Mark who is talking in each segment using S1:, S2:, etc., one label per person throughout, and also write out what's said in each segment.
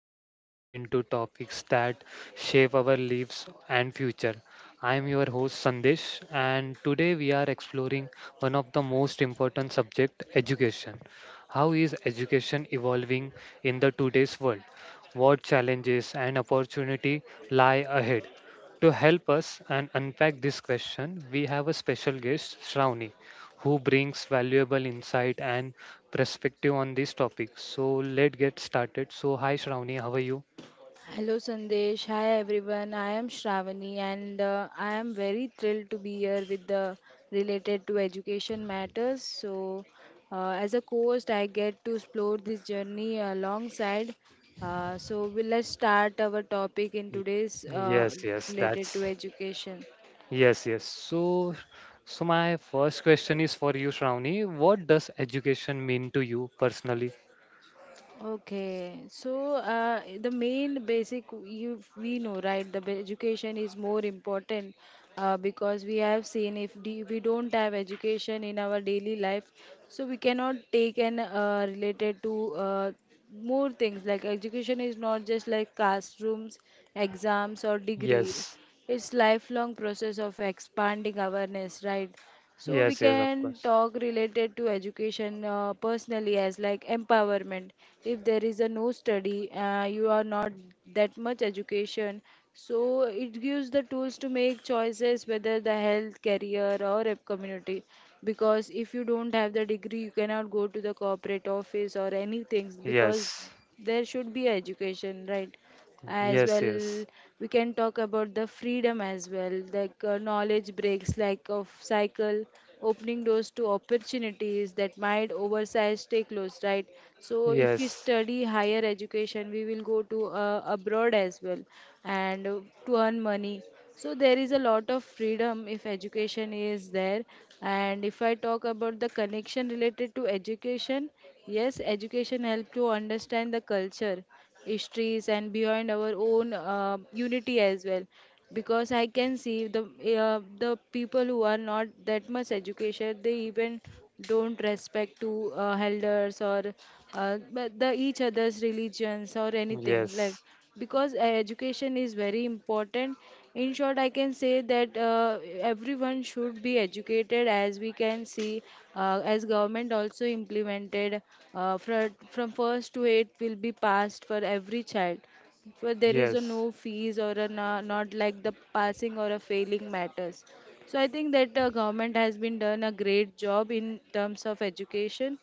S1: where we dive into topics that shape our lives and future. I am your host Sandesh, and today we are exploring one of the most important subject, education. How is education evolving in the today's world? What challenges and opportunity lie ahead? To help us and unpack this question, we have a special guest, Shravani, who brings valuable insight and perspective on this topic. So let's get started. So hi Shravani, how are you?
S2: Hello Sandesh, hi everyone. I am Shravani and I am very thrilled to be here with the related to education matters. So, as a co-host, I get to explore this journey alongside. We let's start our topic in
S1: Y-
S2: today's
S1: Yes, yes,
S2: related
S1: that's
S2: to education.
S1: yes, yes. So my first question is for you, Shravani. What does education mean to you personally?
S2: Okay, so the main basic you we know, right? The education is more important because we have seen if d we don't have education in our daily life, so we cannot take and related to uh, more things. Like education is not just like classrooms, exams or degree,
S1: Yes.
S2: it's lifelong process of expanding awareness, right? So we
S1: Yes, yes, of
S2: can
S1: course.
S2: talk related to education personally as like empowerment. If there is a no study, you are not that much education, so it gives the tools to make choices whether the health career or a community, because if you don't have the degree you cannot go to the corporate office or anything, because
S1: Yes.
S2: there should be education, right? As
S1: Yes,
S2: well,
S1: yes.
S2: we can talk about the freedom as well, like knowledge breaks like of cycle, opening doors to opportunities that might oversize stay closed, right? So if we
S1: Yes.
S2: study higher education we will go to abroad as well, and to earn money. So there is a lot of freedom if education is there. And if I talk about the connection related to education, yes, education help to understand the culture, histories and beyond our own unity as well, because I can see the people who are not that much educated, they even don't respect to elders or but the each other's religions or anything like,
S1: Yes.
S2: because education is very important. In short, I can say that everyone should be educated, as we can see as government also implemented, from first to eighth will be passed for every child. For there is a
S1: Yes.
S2: no fees or a no, not like the passing or a failing matters. So I think that government has been done a great job in terms of education.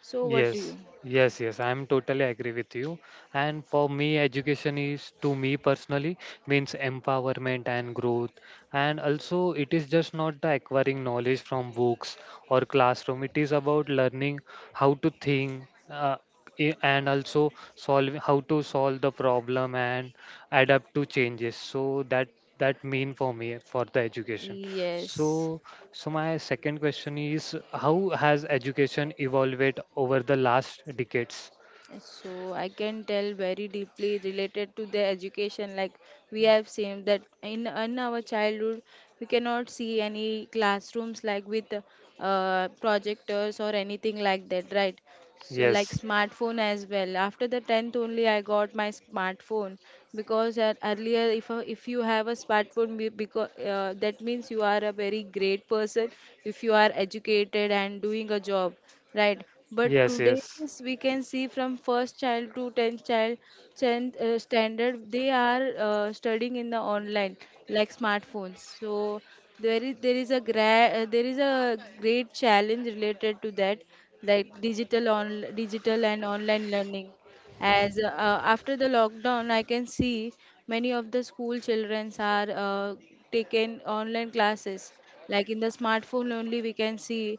S2: So what do
S1: Yes,
S2: you?
S1: yes, yes, I'm totally agree with you. And for me, education is to me personally means empowerment and growth. And also, it is just not the acquiring knowledge from books or classroom. It is about learning how to think uh, and also solve how to solve the problem and adapt to changes. So that mean for me for the education. So
S2: Yes.
S1: so my second question is, how has education evolved over the last decades?
S2: So I can tell very deeply related to the education. Like we have seen that in our childhood, we cannot see any classrooms like with projectors or anything like that, right? So like
S1: Yes,
S2: smartphone as well. After the tenth only, I got my smartphone, because at earlier, if if you have a smartphone, because that means you are a very great person if you are educated and doing a job, right? But
S1: yes,
S2: today
S1: yes,
S2: is we can see from first child to tenth child, tenth standard, they are studying in the online, like smartphones. So there is a there is a great challenge related to that, like digital on digital and online learning. As after the lockdown I can see many of the school children are taken online classes, like in the smartphone only we can see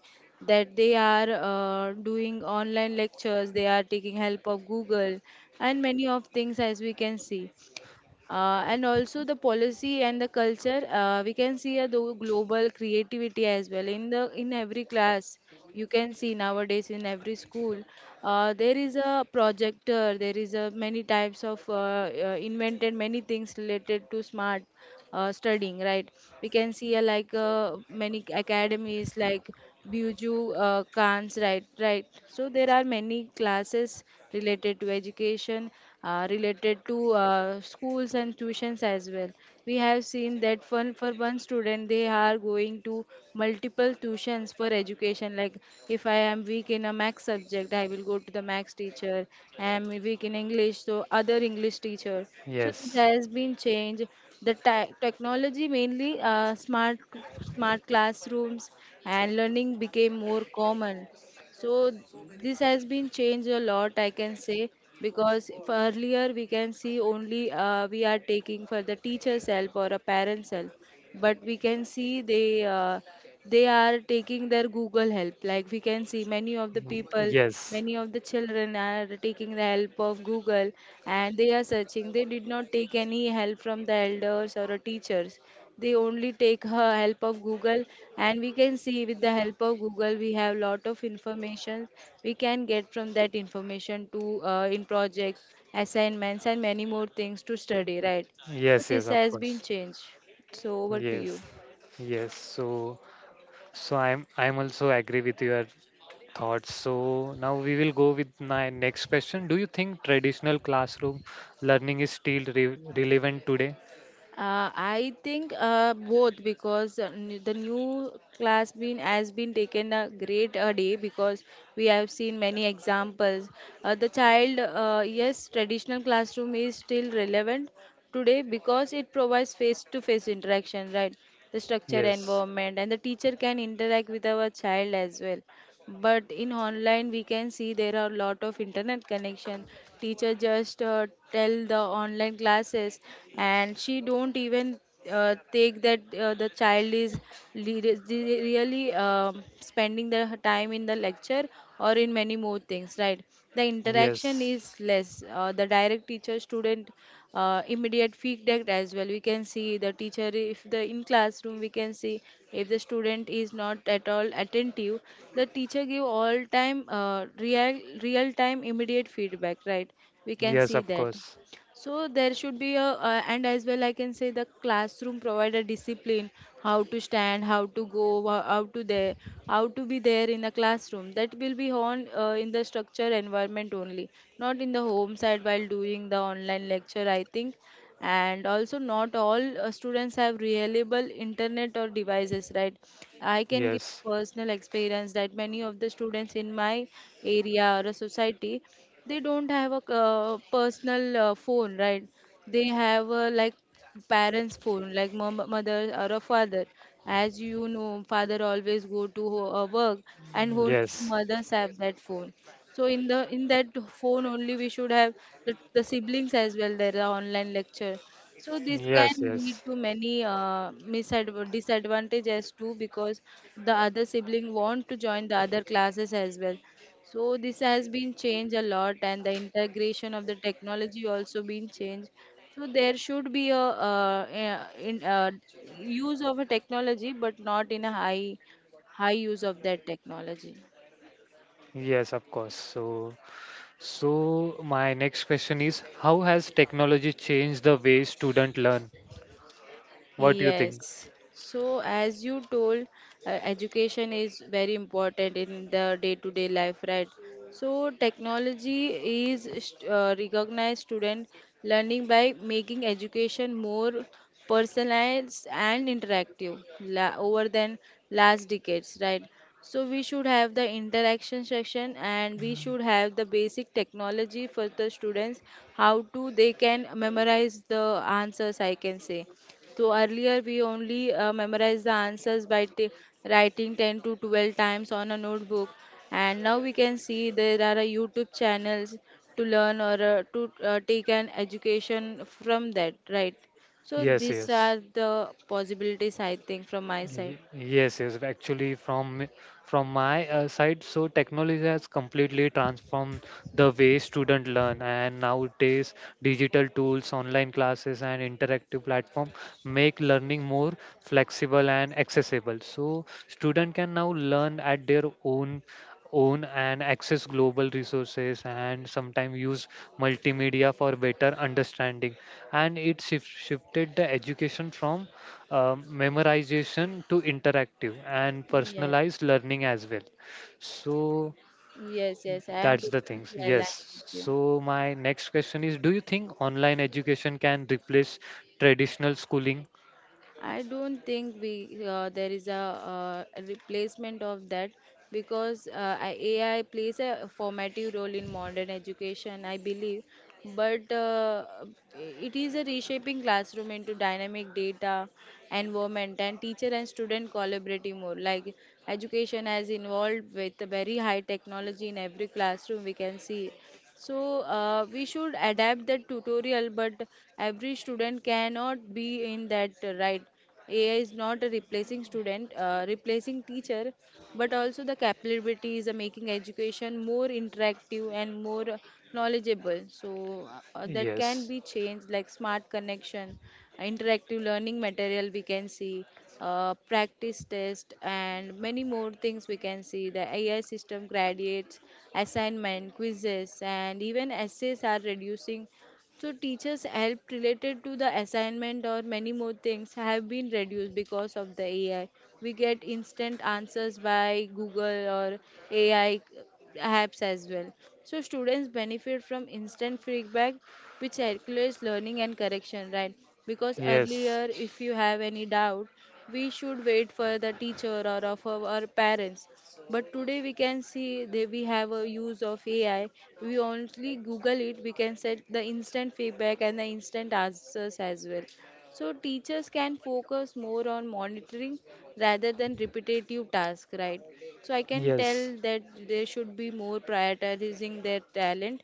S2: that they are doing online lectures, they are taking help of Google and many of things, as we can see. And also the policy and the culture, we can see a global creativity as well in the in every class. You can see nowadays in every school, there is a projector, there is a many types of invented many things related to smart studying, right? We can see like many academies like Buju Khan's, right, right? So there are many classes related to education, related to schools and tuitions as well. We have seen that one for one student, they are going to multiple tuitions for education, like if I am weak in a max subject, I will go to the max teacher. I am weak in English, so other English teacher. So
S1: yes.
S2: there has been change. The technology, mainly smart smart classrooms and learning became more common. So this has been changed a lot, I can say, because if earlier we can see only we are taking for the teacher's help or a parent's help, but we can see they are taking their Google help. Like we can see many of the
S1: Mm,
S2: people,
S1: yes,
S2: many of the children are taking the help of Google, and they are searching. They did not take any help from the elders or the teachers. They only take her help of Google, and we can see with the help of Google we have lot of information. We can get from that information to in projects, assignments and many more things to study, right? So
S1: yes, yes,
S2: this
S1: of
S2: has been
S1: course,
S2: changed. So over to you.
S1: yes, yes. So, I'm also agree with your thoughts. So now we will go with my next question. Do you think traditional classroom learning is still re relevant today?
S2: I think both, because the new class been has been taken a great day, because we have seen many examples. The child, yes, traditional classroom is still relevant today, because it provides face-to-face interaction, right? The structure
S1: Yes,
S2: environment and the teacher can interact with our child as well. But in online we can see there are a lot of internet connection, teacher just tell the online classes, and she don't even take that the child is really spending their time in the lecture or in many more things, right? The interaction
S1: yes,
S2: is less, the direct teacher student immediate feedback as well, we can see the teacher if the in classroom we can see, if the student is not at all attentive, the teacher give all time real time immediate feedback, right? We can
S1: yes,
S2: see
S1: of
S2: that.
S1: course,
S2: So there should be a, and as well I can say the classroom provide a discipline, how to stand, how to go, how to there, how to be there in the classroom. That will be on in the structure environment only, not in the home side while doing the online lecture, I think. And also not all students have reliable internet or devices, right? I can give
S1: yes,
S2: personal experience that many of the students in my area or a society, they don't have a personal phone, right? They have like parents phone, like mom, mother or a father. As you know, father always go to work, and hold
S1: yes.
S2: mothers have that phone. So in the in that phone only we should have the siblings as well their online lecture. So this can
S1: Yes,
S2: lead
S1: yes,
S2: to many disadvantages too, because the other sibling want to join the other classes as well. So this has been changed a lot, and the integration of the technology also been changed. So there should be a use of a technology, but not in a high use of that technology.
S1: yes, of course. So, so my next question is, how has technology changed the way students learn? What do you think?
S2: Yes. So, as you told, education is very important in the day-to-day life, right? So, technology is recognized student learning by making education more personalized and interactive over than last decades, right? So, we should have the interaction section and we should have the basic technology for the students, how to they can memorize the answers, I can say. So earlier we only memorized the answers by writing 10 to 12 times on a notebook, and now we can see there are a YouTube channels to learn or to take an education from that, right? So
S1: Yes,
S2: these
S1: yes.
S2: are the possibilities I think from my side.
S1: Yes, yes. Actually, from my side, so technology has completely transformed the way students learn. And nowadays, digital tools, online classes, and interactive platform make learning more flexible and accessible. So student can now learn at their own and access global resources and sometimes use multimedia for better understanding, and it shifted the education from memorization to interactive and
S2: Yes,
S1: personalized learning as well. So
S2: yes, I am
S1: that's the
S2: totally
S1: things.
S2: aligned
S1: Yes.
S2: with you.
S1: So my next question is, do you think online education can replace traditional schooling?
S2: I don't think we there is a replacement of that, because AI plays a formative role in modern education, I believe. But it is a reshaping classroom into dynamic data environment and teacher and student collaborating more. Like education has involved with the very high technology in every classroom we can see. So we should adapt the tutorial, but every student cannot be in that right. AI is not a replacing student, replacing teacher, but also the capabilities are making education more interactive and more knowledgeable. So that can
S1: Yes.
S2: be changed, like smart connection, interactive learning material we can see, practice test and many more things. We can see the AI system graduates assignment quizzes and even essays are reducing, so teachers help related to the assignment or many more things have been reduced because of the AI. We get instant answers by Google or AI apps as well. So students benefit from instant feedback, which calculates learning and correction, right? Because
S1: Yes.
S2: earlier if you have any doubt, we should wait for the teacher or of our parents. But today we can see that we have a use of AI. We only Google it, we can set the instant feedback and the instant answers as well. So teachers can focus more on monitoring rather than repetitive tasks, right? So I can
S1: Yes.
S2: tell that they should be more prioritizing their talent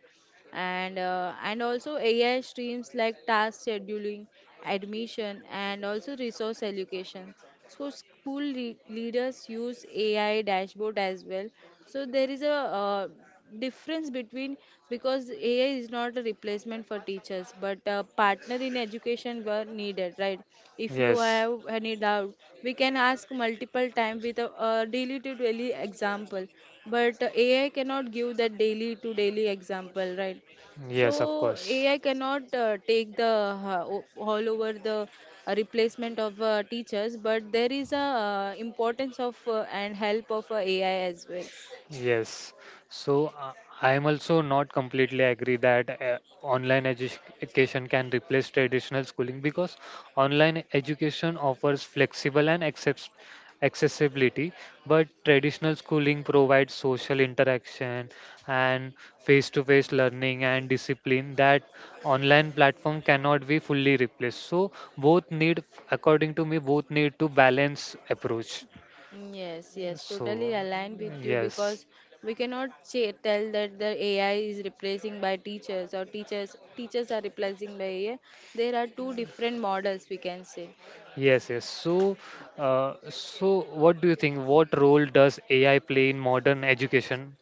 S2: and and also AI streams like task scheduling, admission, and also resource allocation. So school leaders use AI dashboard as well. So there is a difference between because AI is not a replacement for teachers, but a partner in education were needed, right? If you
S1: Yes.
S2: have any doubt, we can ask multiple times with a daily to daily example, but AI cannot give that daily to daily example, right?
S1: Yes, of
S2: So
S1: course.
S2: AI cannot take the all over the replacement of teachers, but there is a importance of and help of AI as well.
S1: Yes. So I am also not completely agree that online education can replace traditional schooling because online education offers flexible and accept accessibility, but traditional schooling provides social interaction and face-to-face learning and discipline that online platform cannot be fully replaced. So both need, according to me, both need to balance approach.
S2: Yes, yes,
S1: So
S2: totally aligned with you
S1: yes.
S2: because we cannot say, tell that the AI is replacing by teachers or teachers are replacing by AI. There are two different models we can say.
S1: Yes, yes. So, so what do you think? What role does AI play in modern education?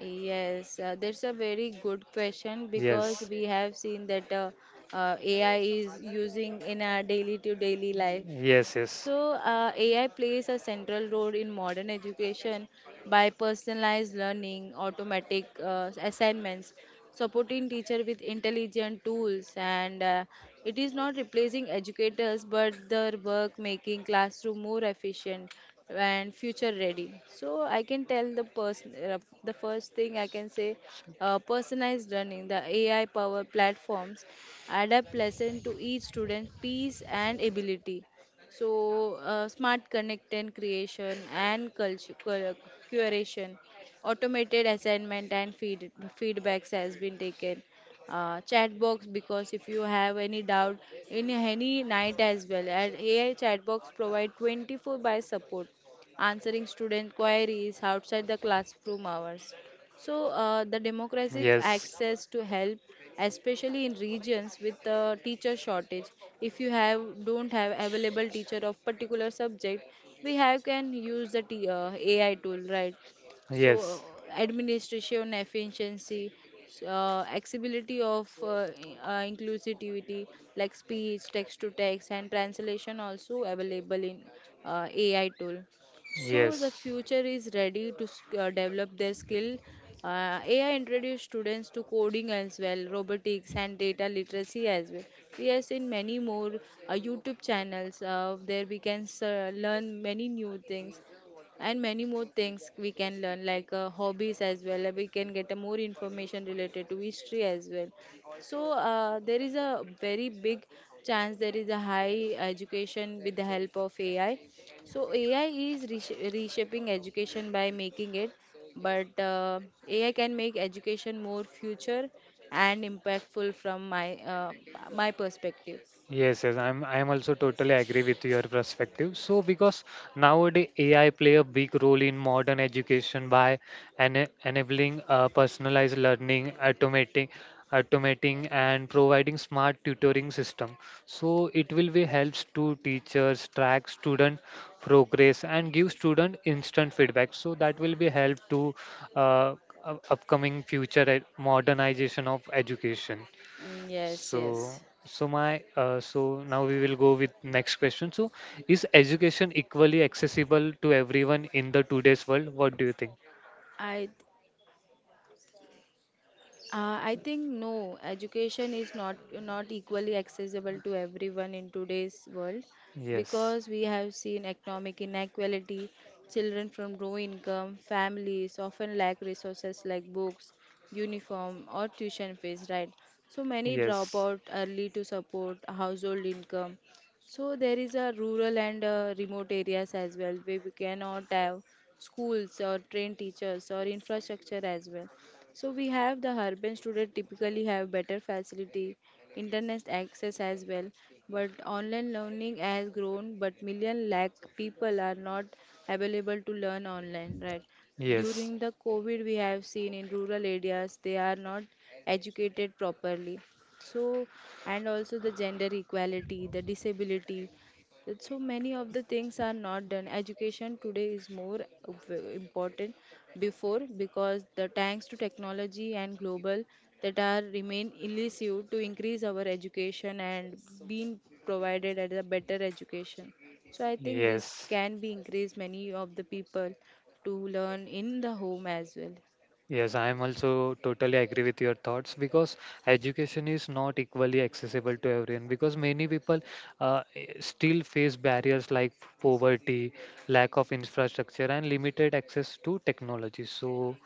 S2: Yes, that's a very good question because
S1: Yes,
S2: we have seen that AI is using in our daily to daily life.
S1: yes, yes,
S2: So, AI plays a central role in modern education by personalized learning, automatic assignments, supporting teacher with intelligent tools, and it is not replacing educators but their work making classroom more efficient and future ready. So, I can tell the person the first thing I can say personalized learning, the AI powered platforms adapt lesson to each student's piece and ability. So, smart connected creation and curation, automated assignment and feedbacks has been taken. Chat box because if you have any doubt in any night as well, and AI chat box provide 24 by support, answering student queries outside the classroom hours. So, the democratic
S1: yes,
S2: access to help, especially in regions with teacher shortage, if you have don't have available teacher of particular subject, we have can use the AI tool, right? So,
S1: yes,
S2: administration efficiency, accessibility of inclusivity like speech, text to text, and translation also available in AI tool. So the
S1: yes.
S2: future is ready to develop their skill. AI introduced students to coding as well, robotics and data literacy as well. We have seen many more YouTube channels. There we can learn many new things, and many more things we can learn like hobbies as well. We can get a more information related to history as well. So there is a very big chance there is a high education with the help of AI. So AI is reshaping education by making it, but AI can make education more future and impactful from my perspective.
S1: Yes, yes, I'm also totally agree with your perspective. So because nowadays AI play a big role in modern education by enabling personalized learning, automating, and providing smart tutoring system. So it will be helps to teachers track student progress and give student instant feedback. So that will be help to uh, upcoming future modernization of education.
S2: Yes,
S1: So,
S2: yes.
S1: so, my, so now we will go with next question. So, is education equally accessible to everyone in the today's world? What do you think?
S2: I I think no, education is not equally accessible to everyone in today's world
S1: Yes,
S2: because we have seen economic inequality, children from low income families often lack resources like books, uniform or tuition fees, right? So many drop
S1: yes,
S2: out early to support a household income. So there is a rural and remote areas as well where we cannot have schools or trained teachers or infrastructure as well. So we have the urban student typically have better facility, internet access as well. But online learning has grown, but million lakh people are not available to learn online, right?
S1: yes,
S2: During the COVID, we have seen in rural areas they are not educated properly. So, and also the gender equality, the disability, that so many of the things are not done. Education today is more important before because the thanks to technology and global that are remain elusive to increase our education and being provided at a better education. So I think this
S1: yes.
S2: can be increased many of the people to learn in the home as well.
S1: Yes, I am also totally agree with your thoughts because education is not equally accessible to everyone because many people still face barriers like poverty, lack of infrastructure, and limited access to technology. So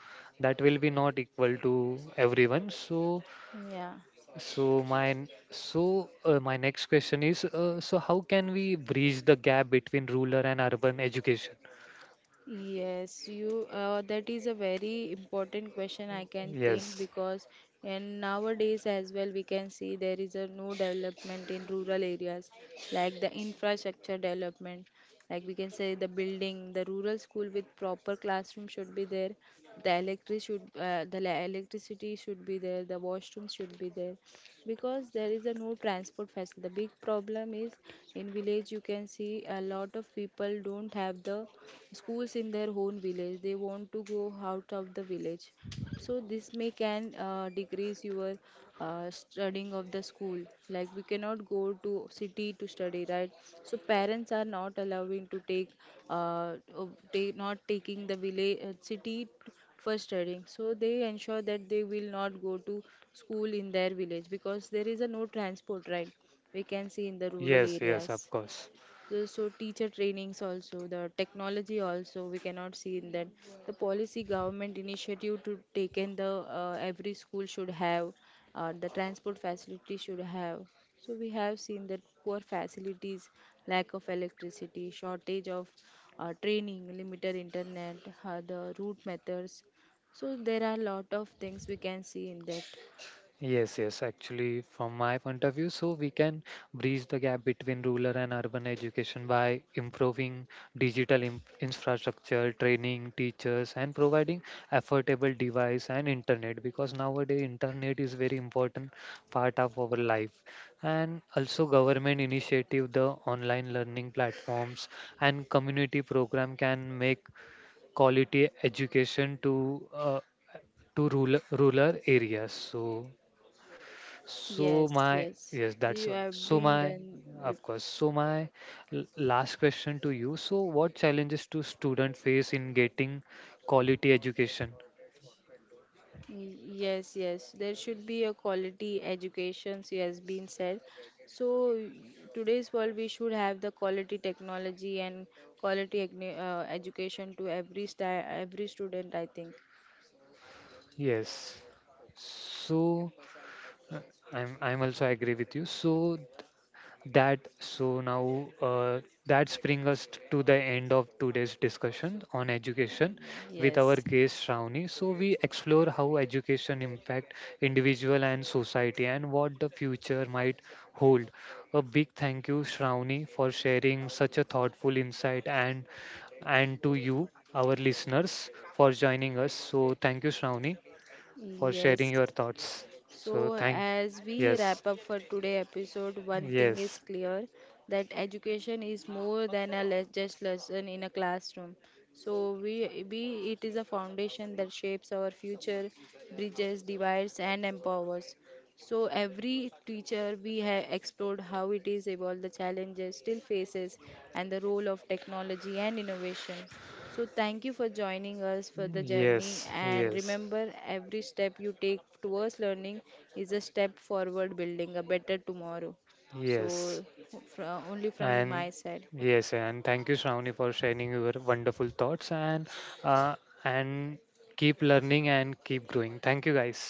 S1: that will be not equal to everyone. So
S2: Yeah.
S1: so my so my next question is so how can we bridge the gap between rural and urban education?
S2: Yes, you that is a very important question I can think
S1: Yes,
S2: because and nowadays as well we can see there is a no development in rural areas, like the infrastructure development. Like we can say the building the rural school with proper classroom should be there, the electric electricity should be there, the washroom should be there, because there is a no transport facility. The big problem is in village you can see a lot of people don't have the schools in their own village, they want to go out of the village. So this may can decrease your studying of the school, like we cannot go to city to study, right? So parents are not allowing to take uh, they not taking the village city for studying, so they ensure that they will not go to school in their village because there is a no transport, right? We can see in the rural
S1: yes, yes,
S2: areas
S1: of course.
S2: so teacher trainings also, the technology also we cannot see in that. The policy government initiative to take in the every school should have the transport facility should have. So we have seen that poor facilities, lack of electricity, shortage of training, limited internet, the route methods. So there are a lot of things we can see in that.
S1: Yes, yes, actually, from my point of view, so we can bridge the gap between rural and urban education by improving digital in infrastructure, training teachers, and providing affordable device and internet because nowadays internet is very important part of our life. And also government initiative, the online learning platforms and community program can make quality education to rural areas. So so
S2: Yes,
S1: my
S2: yes,
S1: yes, that's
S2: you
S1: why.
S2: have
S1: So
S2: been
S1: my
S2: done.
S1: of course. So my last question to you. So what challenges do students face in getting quality education?
S2: Yes, yes, there should be a quality education, so has been said. So today's world, we should have the quality technology and quality education to every sta every student, I think.
S1: Yes. So uh, I'm also agree with you. So that so now that brings us to the end of today's discussion on education with our
S2: Yes,
S1: guest Shravani. So we explore how education impact individual and society and what the future might hold. A big thank you Shravani for sharing such a thoughtful insight and to you our listeners for joining us. So thank you Shravani for sharing
S2: yes.
S1: your thoughts. So
S2: So,
S1: thank
S2: as we
S1: yes
S2: wrap up for today episode, one thing is
S1: yes.
S2: clear: that education is more than just lesson in a classroom. So, we it is a foundation that shapes our future, bridges, divides, and empowers. So, every teacher we have explored how it is evolved, the challenges still faces, and the role of technology and innovation. So, thank you for joining us for the journey.
S1: Yes,
S2: And
S1: yes,
S2: remember, every step you take towards learning is a step forward, building a better tomorrow.
S1: yes.
S2: So, only from
S1: And
S2: my side.
S1: yes, and thank you, Shravani, for sharing your wonderful thoughts uh, and keep learning and keep growing. Thank you, guys.